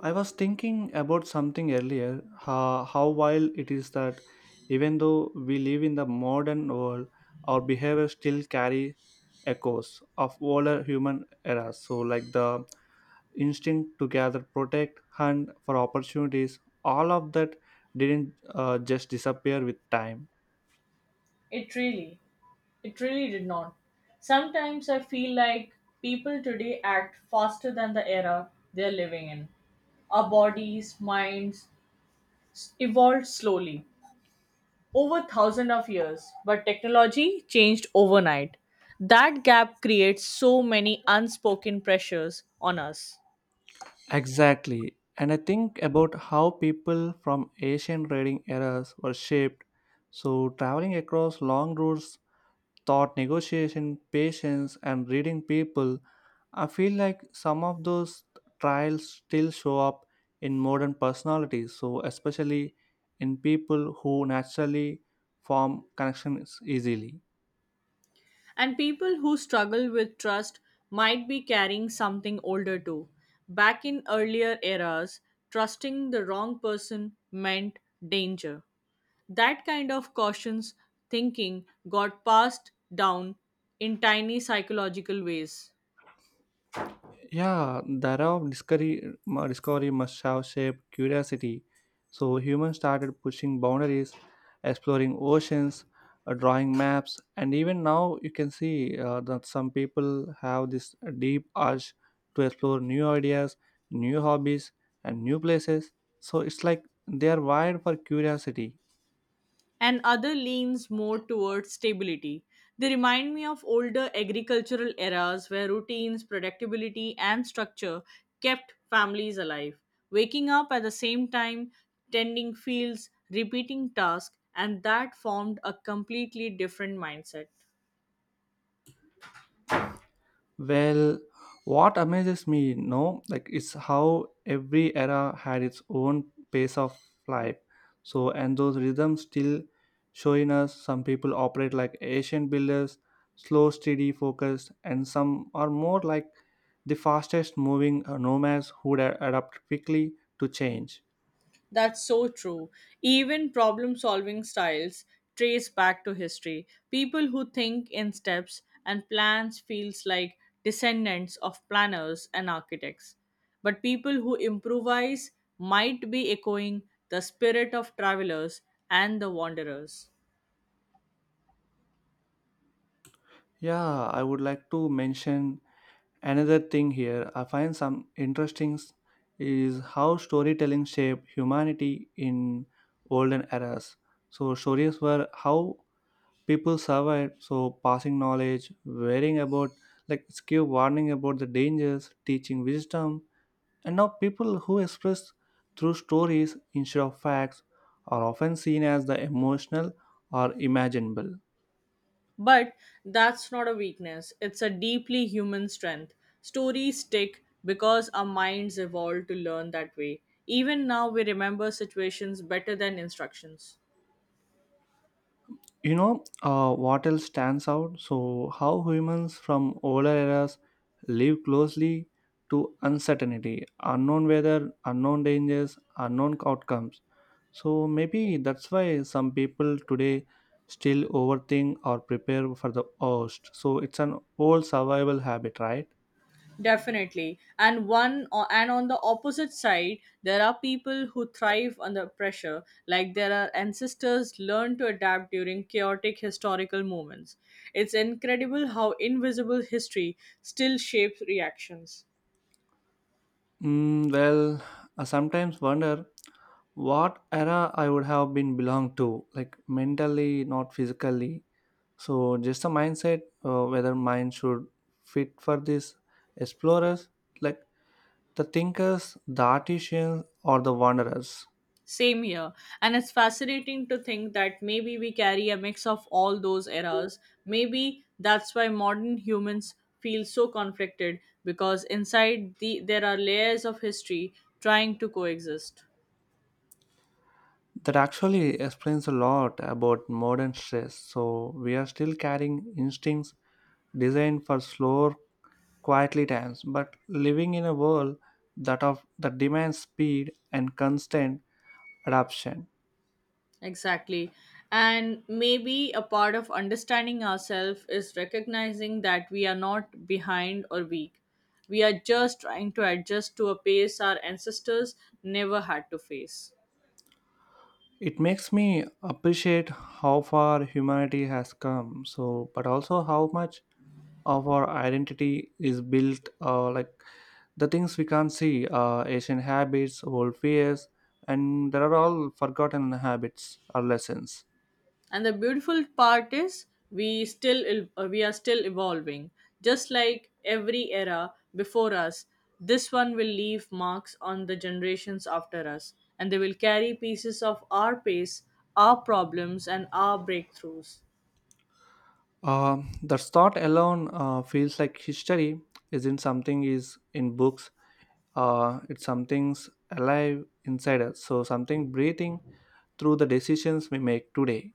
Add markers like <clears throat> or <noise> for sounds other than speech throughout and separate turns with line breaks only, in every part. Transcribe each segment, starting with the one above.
I was thinking about something earlier, how wild it is that even though we live in the modern world, our behavior still carry echoes of older human eras. Like the instinct to gather, protect, hunt for opportunities, all of that didn't just disappear with time.
It really, it really did not. Sometimes I feel like people today act faster than the era they're living in. Our bodies, minds evolved slowly over thousands of years, but technology changed overnight. That gap creates so many unspoken pressures on us.
Exactly. And I think about how people from Asian raiding eras were shaped. So traveling across long routes thought negotiation, patience, and reading people, I feel like some of those trials still show up in modern personalities. So, especially in people who naturally form connections easily.
And people who struggle with trust might be carrying something older too. Back in earlier eras, trusting the wrong person meant danger. That kind of cautious thinking got passed down in tiny psychological ways.
Yeah, the era of discovery, discovery must have shaped curiosity. So humans started pushing boundaries, exploring oceans, drawing maps, and even now you can see that some people have this deep urge to explore new ideas, new hobbies, and new places. So it's like they are wired for curiosity.
And other leans more towards stability. They remind me of older agricultural eras where routines, predictability, and structure kept families alive. Waking up at the same time, tending fields, repeating tasks, and that formed a completely different mindset.
Well, what amazes me, like it's how every era had its own pace of life. So, and those rhythms still showing us some people operate like Asian builders, slow, steady, focused, and some are more like the fastest moving nomads who would adapt quickly to change.
That's so true. Even problem solving styles trace back to history. People who think in steps and plans feels like descendants of planners and architects. But people who improvise might be echoing the spirit of travelers and the wanderers.
Yeah, I would like to mention another thing here I find some interesting is how storytelling shaped humanity in olden eras. So stories were how people survived. So passing knowledge, worrying about like skill warning about the dangers, teaching wisdom, and now people who express through stories instead of facts are often seen as the emotional or imaginable.
But that's not a weakness, it's a deeply human strength. Stories stick because our minds evolved to learn that way. Even now, we remember situations better than instructions.
You know what else stands out? So, how humans from older eras live closely to uncertainty, unknown weather, unknown dangers, unknown outcomes. So, maybe that's why some people today still overthink or prepare for the worst. So, it's an old survival habit, right?
Definitely. And on the opposite side, there are people who thrive under pressure, like their ancestors learned to adapt during chaotic historical moments. It's incredible how invisible history still shapes reactions.
Well, I sometimes wonder what era I would have been belonged to, like mentally, not physically. So just the mindset whether mind should fit for this explorers, like the thinkers, the artisans, or the wanderers.
Same here. And it's fascinating to think that maybe we carry a mix of all those eras. Maybe that's why modern humans feel so conflicted because inside there are layers of history trying to coexist.
That actually explains a lot about modern stress. So we are still carrying instincts designed for slower, quietly times, but living in a world that of that demands speed and constant adaptation.
Exactly. And maybe a part of understanding ourselves is recognizing that we are not behind or weak. We are just trying to adjust to a pace our ancestors never had to face.
It makes me appreciate how far humanity has come. So, but also how much of our identity is built like the things we can't see ancient habits old fears and there are all forgotten habits or lessons.
And the beautiful part is we are still evolving, just like every era before us. This one will leave marks on the generations after us, and they will carry pieces of our pace, our problems, and our breakthroughs.
The thought alone feels like history isn't something is in books, it's something's alive inside us so something breathing through the decisions we make today.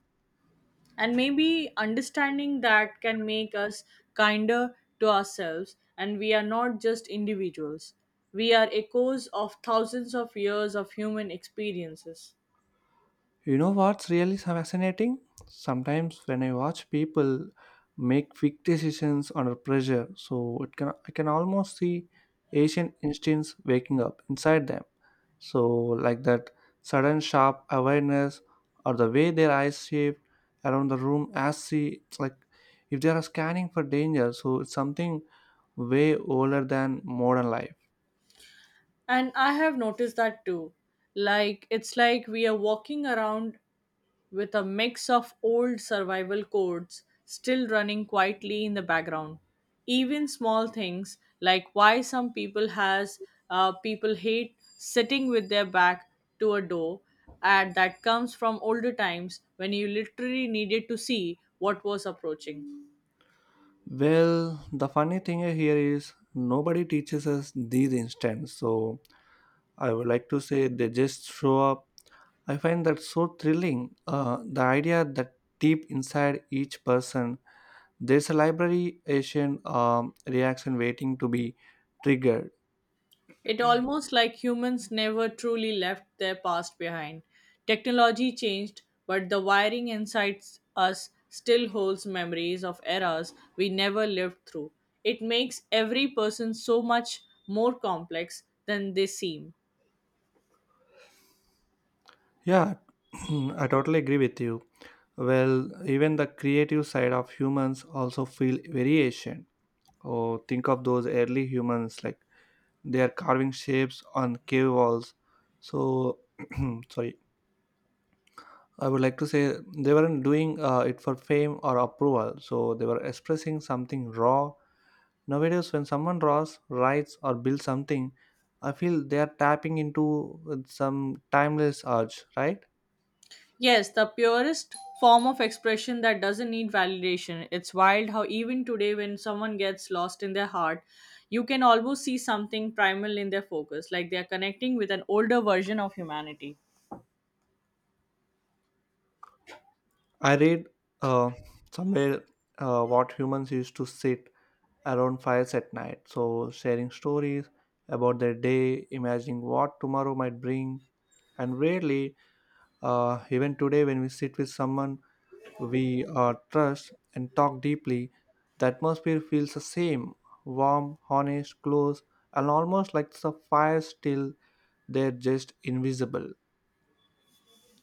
And maybe understanding that can make us kinder to ourselves, and we are not just individuals, we are echoes of thousands of years of human experiences.
You know what's really fascinating? Sometimes when I watch people make quick decisions under pressure, so it can I can almost see Asian instincts waking up inside them. So like that sudden sharp awareness or the way their eyes shift around the room as she it's like if they are scanning for danger, so it's something way older than modern life.
And I have noticed that too. Like, it's like we are walking around with a mix of old survival codes still running quietly in the background. Even small things, like why some people has people hate sitting with their back to a door, and that comes from older times when you literally needed to see what was approaching.
Well, the funny thing here is nobody teaches us these instincts. So I would like to say they just show up. I find that so thrilling. The idea that deep inside each person, there's a library Asian reaction waiting to be triggered.
It almost like humans never truly left their past behind. Technology changed, but the wiring inside us still holds memories of eras we never lived through. It makes every person so much more complex than they seem.
Yeah, <clears throat> I totally agree with you. Well, even the creative side of humans also feel very Asian. Oh, think of those early humans like they are carving shapes on cave walls. So, <clears throat> sorry I would like to say they weren't doing it for fame or approval, so they were expressing something raw. Nowadays, when someone draws, writes, or builds something, I feel they are tapping into some timeless urge, right?
Yes, the purest form of expression that doesn't need validation. It's wild how even today when someone gets lost in their heart, you can almost see something primal in their focus, like they are connecting with an older version of humanity.
I read uh, somewhere what humans used to sit around fires at night, so sharing stories about their day, imagining what tomorrow might bring, and rarely, even today, when we sit with someone we are trust and talk deeply, the atmosphere feels the same warm, honest, close, and almost like the fire still, they're just invisible.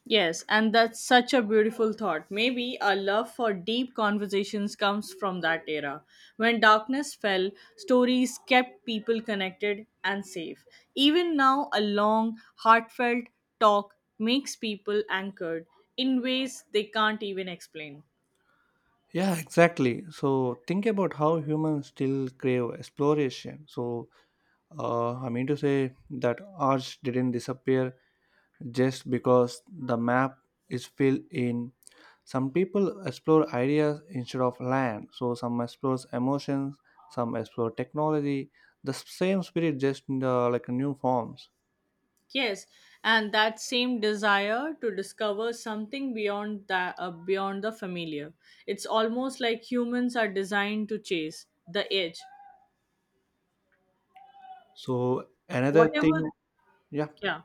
Yes, and that's such a beautiful thought. Maybe our love for deep conversations comes from that era. When darkness fell, stories kept people connected and safe. Even now, a long, heartfelt talk makes people anchored in ways they can't even explain.
Yeah, exactly. So think about how humans still crave exploration. So I mean to say that arch didn't disappear just because the map is filled in. Some people explore ideas instead of land, so some explores emotions, some explore technology, the same spirit just in like new forms.
Yes, and that same desire to discover something beyond that beyond the familiar. It's almost like humans are designed to chase the edge.
So another thing,
Whatever,
yeah,
yeah.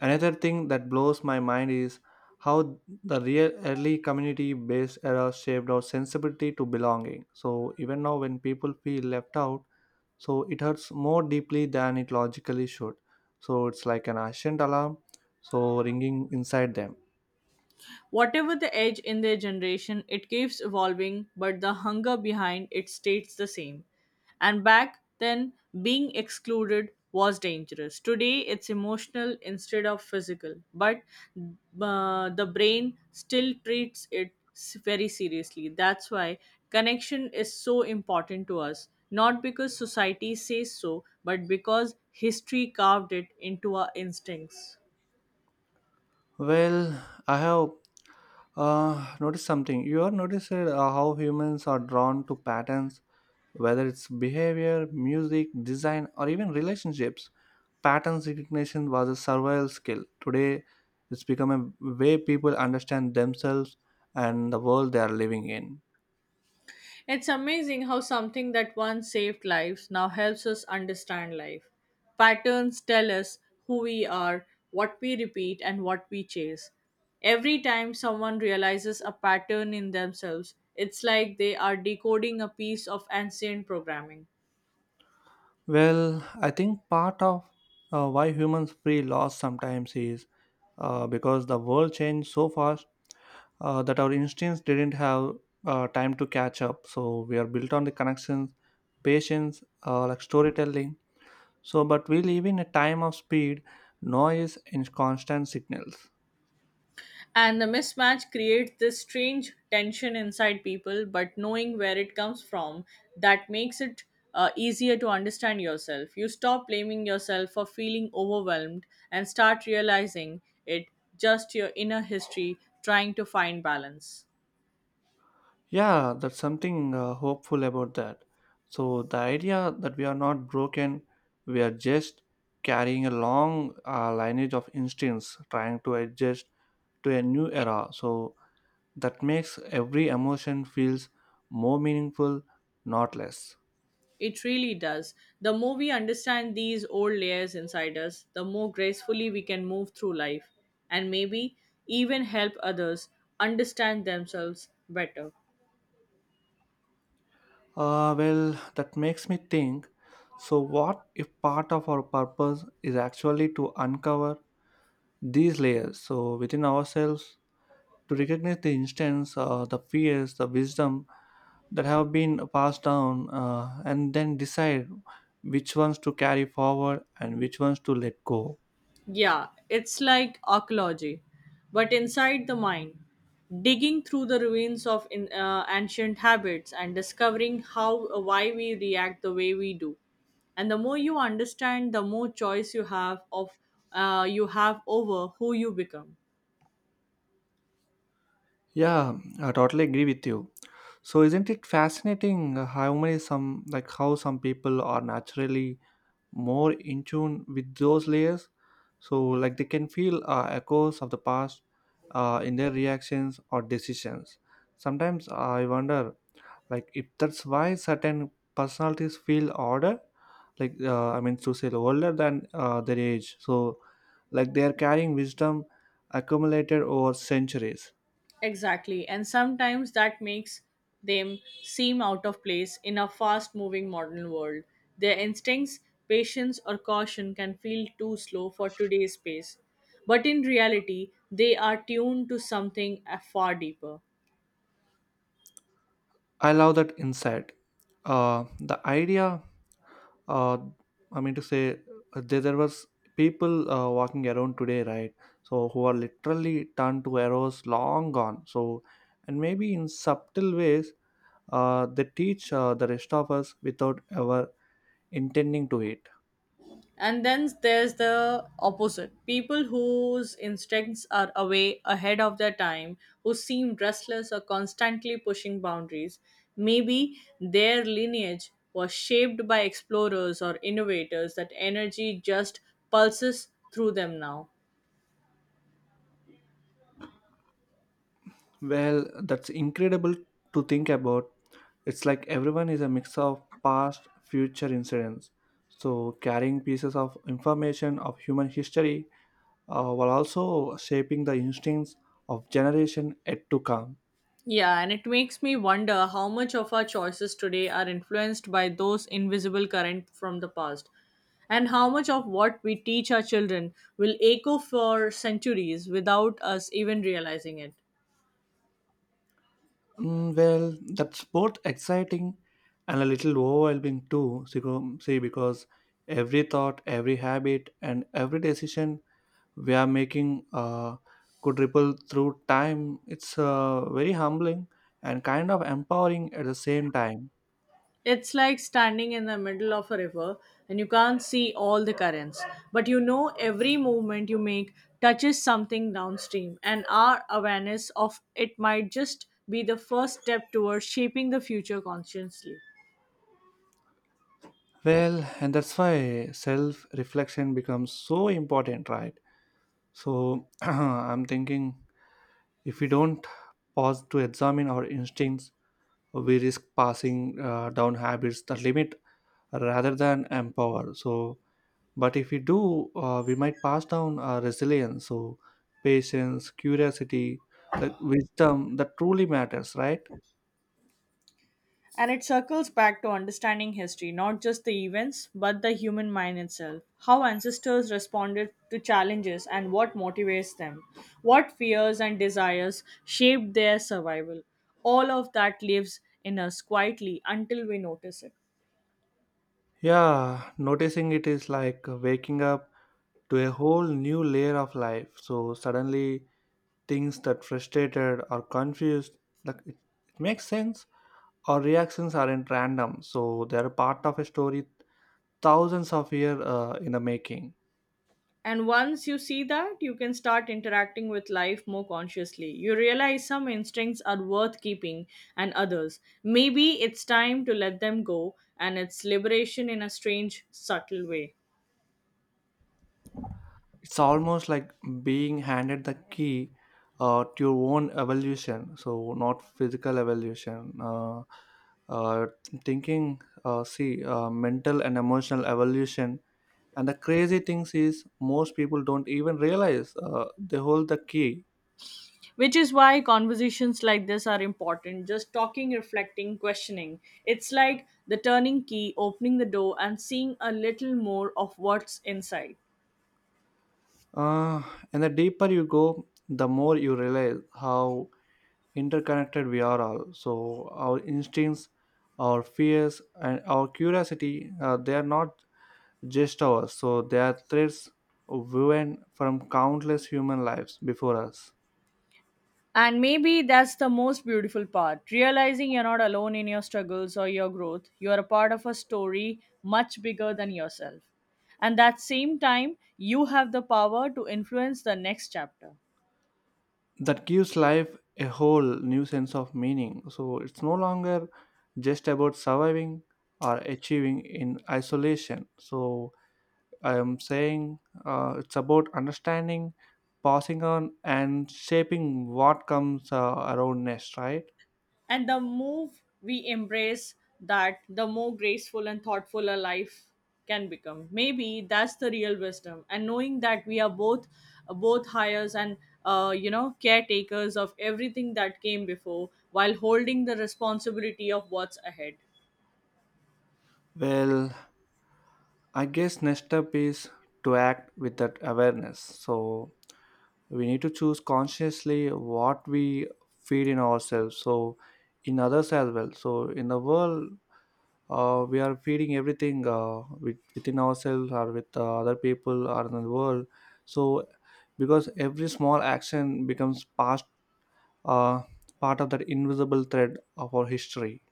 another thing that blows my mind is how the real early community-based era shaped our sensibility to belonging. So even now, when people feel left out, so it hurts more deeply than it logically should. So it's like an ancient alarm, so ringing inside them.
Whatever the age in their generation, it keeps evolving, but the hunger behind it stays the same. And back then, being excluded was dangerous. Today, it's emotional instead of physical, but the brain still treats it very seriously. That's why connection is so important to us, not because society says so, but because history carved it into our instincts.
Well, I have noticed something. You have noticed how humans are drawn to patterns, whether it's behavior, music, design, or even relationships. Patterns recognition was a survival skill. Today, it's become a way people understand themselves and the world they are living in.
It's amazing how something that once saved lives now helps us understand life. Patterns tell us who we are, what we repeat, and what we chase. Every time someone realizes a pattern in themselves, it's like they are decoding a piece of ancient programming.
Well, I think part of why humans feel lost sometimes is because the world changed so fast that our instincts didn't have time to catch up. So we are built on the connections, patience, like storytelling. So, but we live in a time of speed, noise, and constant signals.
And the mismatch creates this strange tension inside people, but knowing where it comes from, that makes it easier to understand yourself. You stop blaming yourself for feeling overwhelmed and start realizing it just your inner history trying to find balance.
Yeah, that's something hopeful about that. So, the idea that we are not broken, we are just carrying a long lineage of instincts trying to adjust to a new era. So, that makes every emotion feels more meaningful, not less.
It really does. The more we understand these old layers inside us, the more gracefully we can move through life, and maybe even help others understand themselves better.
Well, that makes me think. So, what if part of our purpose is actually to uncover these layers? So, within ourselves, to recognize the instance, the fears, the wisdom that have been passed down, and then decide which ones to carry forward and which ones to let go.
Yeah, it's like archaeology, but inside the mind, digging through the ruins of ancient habits and discovering how why we react the way we do. And the more you understand, the more choice you have over who you become.
Yeah, I totally agree with you. So isn't it fascinating how some people are naturally more in tune with those layers? So like they can feel echoes of the past in their reactions or decisions. Sometimes I wonder like if that's why certain personalities feel older like I mean to say older than their age so like they are carrying wisdom accumulated over centuries.
Exactly, and sometimes that makes them seem out of place in a fast moving modern world. Their instincts, patience, or caution can feel too slow for today's pace. But in reality, they are tuned to something far deeper.
I love that insight, the idea uh, I mean to say there was people walking around today right so who are literally turned to arrows long gone so and maybe in subtle ways they teach the rest of us without ever intending to it.
And then there's the opposite people whose instincts are away ahead of their time, who seem restless or constantly pushing boundaries. Maybe their lineage was shaped by explorers or innovators, that energy just pulses through them now.
Well, that's incredible to think about. It's like everyone is a mix of past, future incidents. So, carrying pieces of information of human history while also shaping the instincts of generation yet to come.
Yeah, and it makes me wonder how much of our choices today are influenced by those invisible current from the past, and how much of what we teach our children will echo for centuries without us even realizing it.
Well, that's both exciting and a little overwhelming too. See, because every thought, every habit, and every decision we are making could ripple through time. It's very humbling and kind of empowering at the same time.
It's like standing in the middle of a river and you can't see all the currents, but you know every movement you make touches something downstream, and our awareness of it might just be the first step towards shaping the future consciously.
Well, and that's why self reflection becomes so important, right? So <clears throat> I'm thinking if we don't pause to examine our instincts we risk passing down habits that limit rather than empower so but if we do we might pass down resilience so patience curiosity like wisdom that truly matters right.
And it circles back to understanding history, not just the events, but the human mind itself. How ancestors responded to challenges and what motivates them, what fears and desires shaped their survival. All of that lives in us quietly until we notice it.
Yeah, noticing it is like waking up to a whole new layer of life so suddenly things that frustrated or confused like it makes sense our reactions aren't random so they're part of a story thousands of years in the making.
And once you see that, you can start interacting with life more consciously. You realize some instincts are worth keeping and others. Maybe it's time to let them go, and it's liberation in a strange, subtle way.
It's almost like being handed the key to your own evolution. So not physical evolution. Uh, see, mental and emotional evolution. And the crazy things is most people don't even realize they hold the key.
Which is why conversations like this are important, just talking, reflecting, questioning. It's like the turning key opening the door and seeing a little more of what's inside.
Uh, and the deeper you go, the more you realize how interconnected we are all so our instincts our fears and our curiosity they are not just ours so they are threads woven from countless human lives before us.
And maybe that's the most beautiful part, realizing you're not alone in your struggles or your growth. You are a part of a story much bigger than yourself, and that same time you have the power to influence the next chapter.
That gives life a whole new sense of meaning so it's no longer just about surviving or achieving in isolation so I am saying it's about understanding passing on and shaping what comes around next right.
And the more we embrace that, the more graceful and thoughtful a life can become. Maybe that's the real wisdom. And knowing that we are both hires and caretakers of everything that came before, while holding the responsibility of what's ahead.
Well, I guess next step is to act with that awareness. So we need to choose consciously what we feed in ourselves, so in others as well. So in the world, we are feeding everything within ourselves or with other people or in the world. So because every small action becomes past, uh, part of that invisible thread of our history.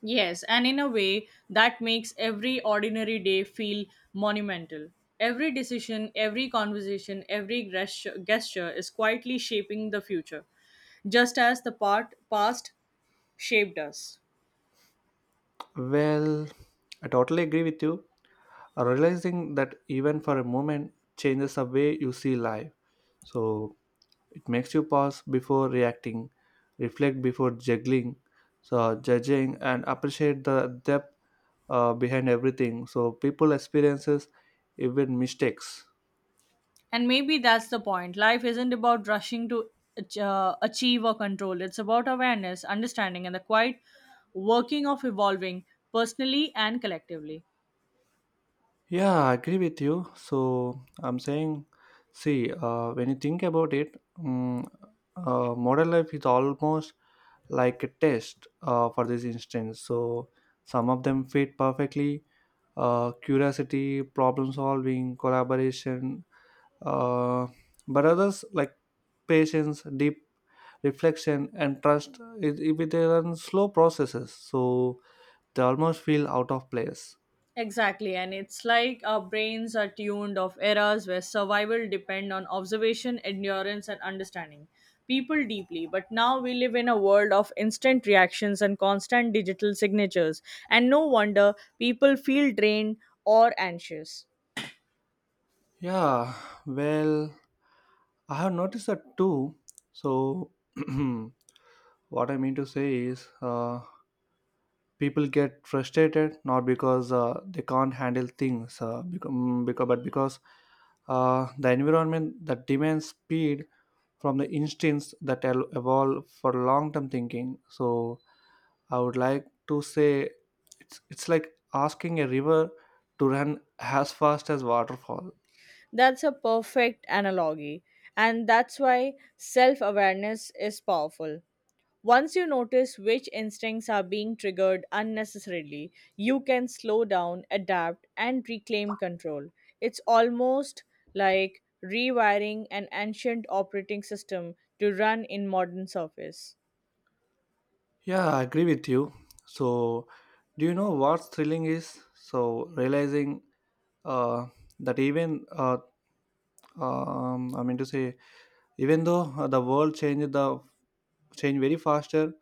Yes, and in a way that makes every ordinary day feel monumental. Every decision, every conversation, every gesture is quietly shaping the future, just as the part, past shaped us.
Well, I totally agree with you realizing that even for a moment changes the way you see life. So it makes you pause before reacting, reflect before juggling, so judging, and appreciate the depth behind everything. So people experiences even mistakes.
And maybe that's the point. Life isn't about rushing to achieve or control, it's about awareness, understanding, and the quiet working of evolving personally and collectively.
Yeah, I agree with you. So I'm saying, see, when you think about it, modern life is almost like a test for this instance, so some of them fit perfectly, curiosity, problem solving, collaboration, uh, but others like patience, deep reflection and trust, it are slow processes, so they almost feel out of place.
Exactly, and it's like our brains are tuned of eras where survival depend on observation, endurance, and understanding people deeply. But now we live in a world of instant reactions and constant digital signatures, and no wonder people feel drained or anxious.
Yeah, well, I have noticed that too. So, <clears throat> what I mean to say is, people get frustrated not because they can't handle things, but because the environment that demands speed from the instincts that evolve for long-term thinking. So, I would like to say, it's like asking a river to run as fast as waterfalls.
That's a perfect analogy, and that's why self awareness is powerful. Once you notice which instincts are being triggered unnecessarily, you can slow down, adapt, and reclaim control. It's almost like rewiring an ancient operating system to run in modern surface.
Yeah, I agree with you. So, do you know what's thrilling is? So, realizing uh, that even I mean to say, even though the world changed, the change very faster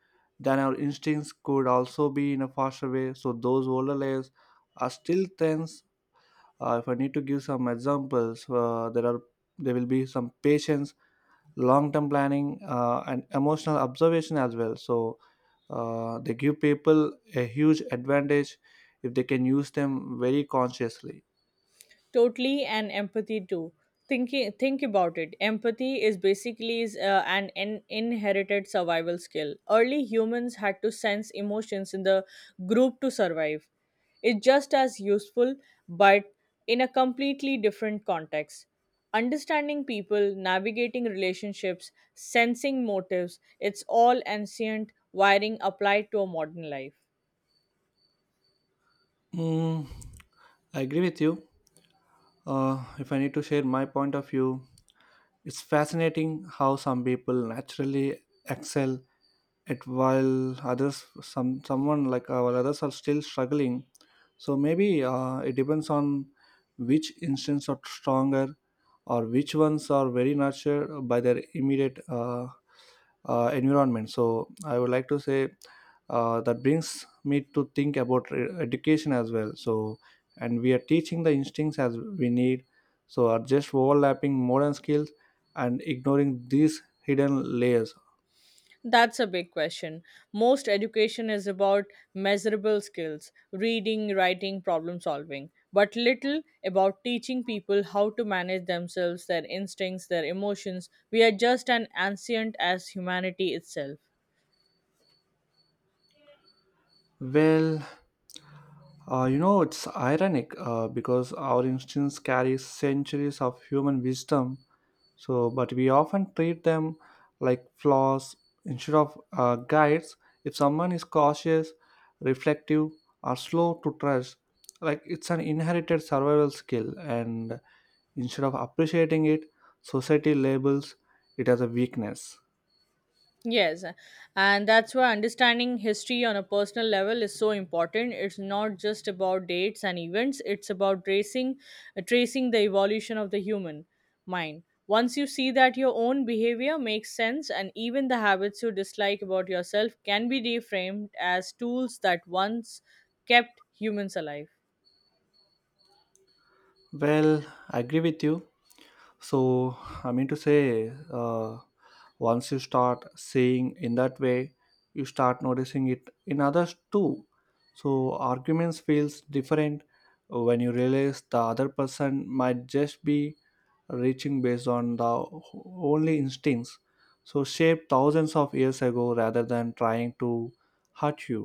than our instincts could also be in a faster way. So those older layers are still tense. If I need to give some examples, there will be some patience, long term planning and emotional observation as well, so they give people a huge advantage if they can use them very consciously.
Totally, and empathy too. Think about it. Empathy is basically an inherited survival skill. Early humans had to sense emotions in the group to survive. It's just as useful, but in a completely different context. Understanding people, navigating relationships, sensing motives, it's all ancient wiring applied to a modern life.
Mm, I agree with you. If I need to share my point of view, it's fascinating how some people naturally excel at, while others, some someone like while others are still struggling. So maybe it depends on which instincts are stronger or which ones are very nurtured by their immediate environment. So I would like to say that brings me to think about education as well. So, and we are teaching the instincts as we need. So are just overlapping modern skills and ignoring these hidden layers.
That's a big question. Most education is about measurable skills reading, writing, problem solving, but little about teaching people how to manage themselves, their instincts, their emotions. We are just as ancient as humanity itself.
Well, you know, it's ironic because our instincts carry centuries of human wisdom, so but we often treat them like flaws instead of guides. If someone is cautious, reflective, or slow to trust, like, it's an inherited survival skill, and instead of appreciating it, society labels it as a weakness.
Yes, and that's why understanding history on a personal level is so important. It's not just about dates and events, it's about tracing the evolution of the human mind. Once you see that your own behavior makes sense, and even the habits you dislike about yourself can be reframed as tools that once kept humans alive.
Well, I agree with you. So, I mean to say, once you start seeing in that way, you start noticing it in others too. So, arguments feels different when you realize the other person might just be reaching based on the only instincts. So, shaped thousands of years ago rather than trying to hurt you.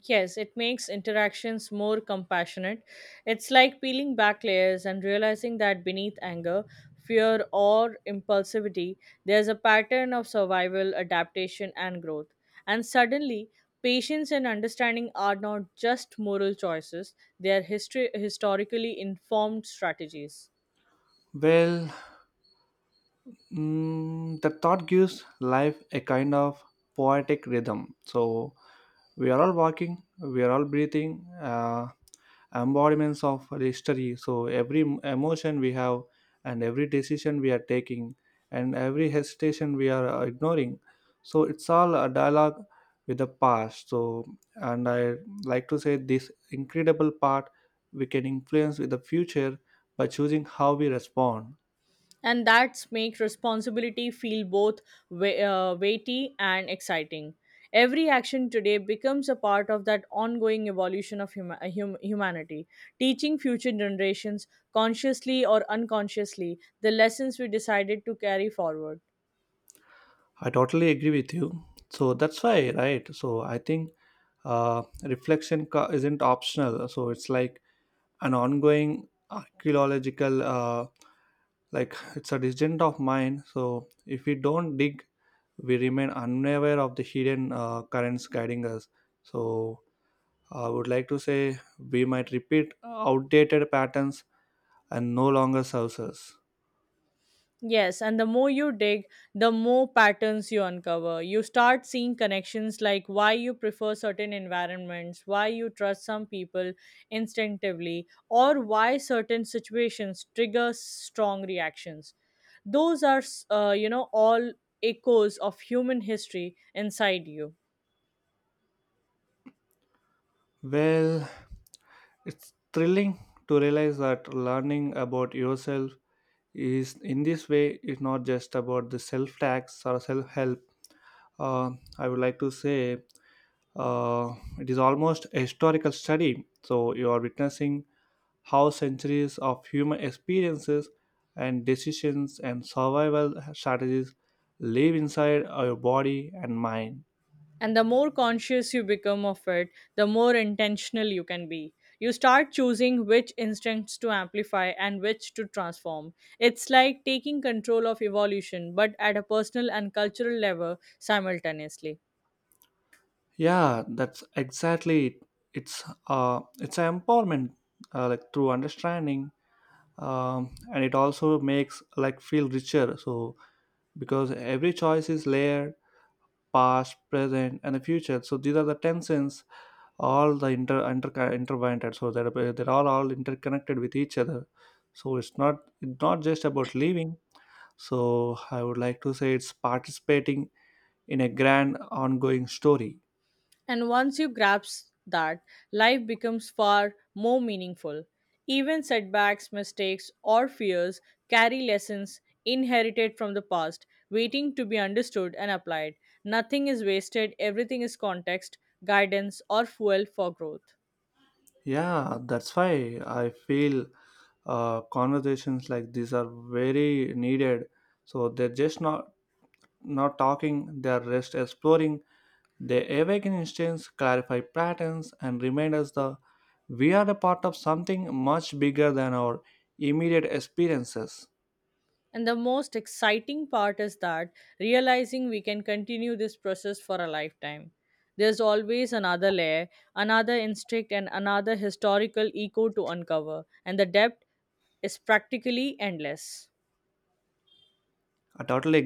Yes, it makes interactions more compassionate. It's like peeling back layers and realizing that beneath anger, fear, or impulsivity, there's a pattern of survival, adaptation, and growth. And suddenly, patience and understanding are not just moral choices, they are historically informed strategies.
Well, mm, the thought gives life a kind of poetic rhythm. So we are all walking, we are all breathing, embodiments of history. So every emotion we have, and every decision we are taking, and every hesitation we are ignoring. So it's all a dialogue with the past. So, and I like to say this incredible part, we can influence with the future by choosing how we respond.
And that's make responsibility feel both weighty and exciting. Every action today becomes a part of that ongoing evolution of humanity, teaching future generations consciously or unconsciously the lessons we decided to carry forward.
I totally agree with you. So that's why, right? So I think reflection isn't optional. So it's like an ongoing archaeological, like it's a distant of mine. So if we don't dig, we remain unaware of the hidden currents guiding us. So I would like to say we might repeat outdated patterns and no longer serves us.
Yes, and the more you dig, the more patterns you uncover. You start seeing connections like why you prefer certain environments, why you trust some people instinctively, or why certain situations trigger strong reactions. Those are, all echoes of human history inside you.
Well, it's thrilling to realize that learning about yourself is in this way is not just about the self tax or self help. Uh, I would like to say uh, it is almost a historical study. So you are witnessing how centuries of human experiences and decisions and survival strategies live inside our body and mind.
And the more conscious you become of it, the more intentional you can be. You start choosing which instincts to amplify and which to transform. It's like taking control of evolution, but at a personal and cultural level simultaneously.
Yeah, that's exactly it. It's an empowerment like through understanding, and it also makes like feel richer. So because every choice is layered, past, present, and the future. So these are the tensions, all the inter intertwined. So they're all interconnected with each other. So it's not just about living. So I would like to say it's participating in a grand ongoing story.
And once you grasp that, life becomes far more meaningful. Even setbacks, mistakes, or fears carry lessons inherited from the past, waiting to be understood and applied. Nothing is wasted, everything is context, guidance, or fuel for growth.
Yeah, that's why I feel conversations like these are very needed. So they're just not talking; they are just exploring. They awaken instincts, clarify patterns, and remind us that we are a part of something much bigger than our immediate experiences.
And the most exciting part is that realizing we can continue this process for a lifetime. There's always another layer, another instinct, and another historical echo to uncover, and the depth is practically endless.
I totally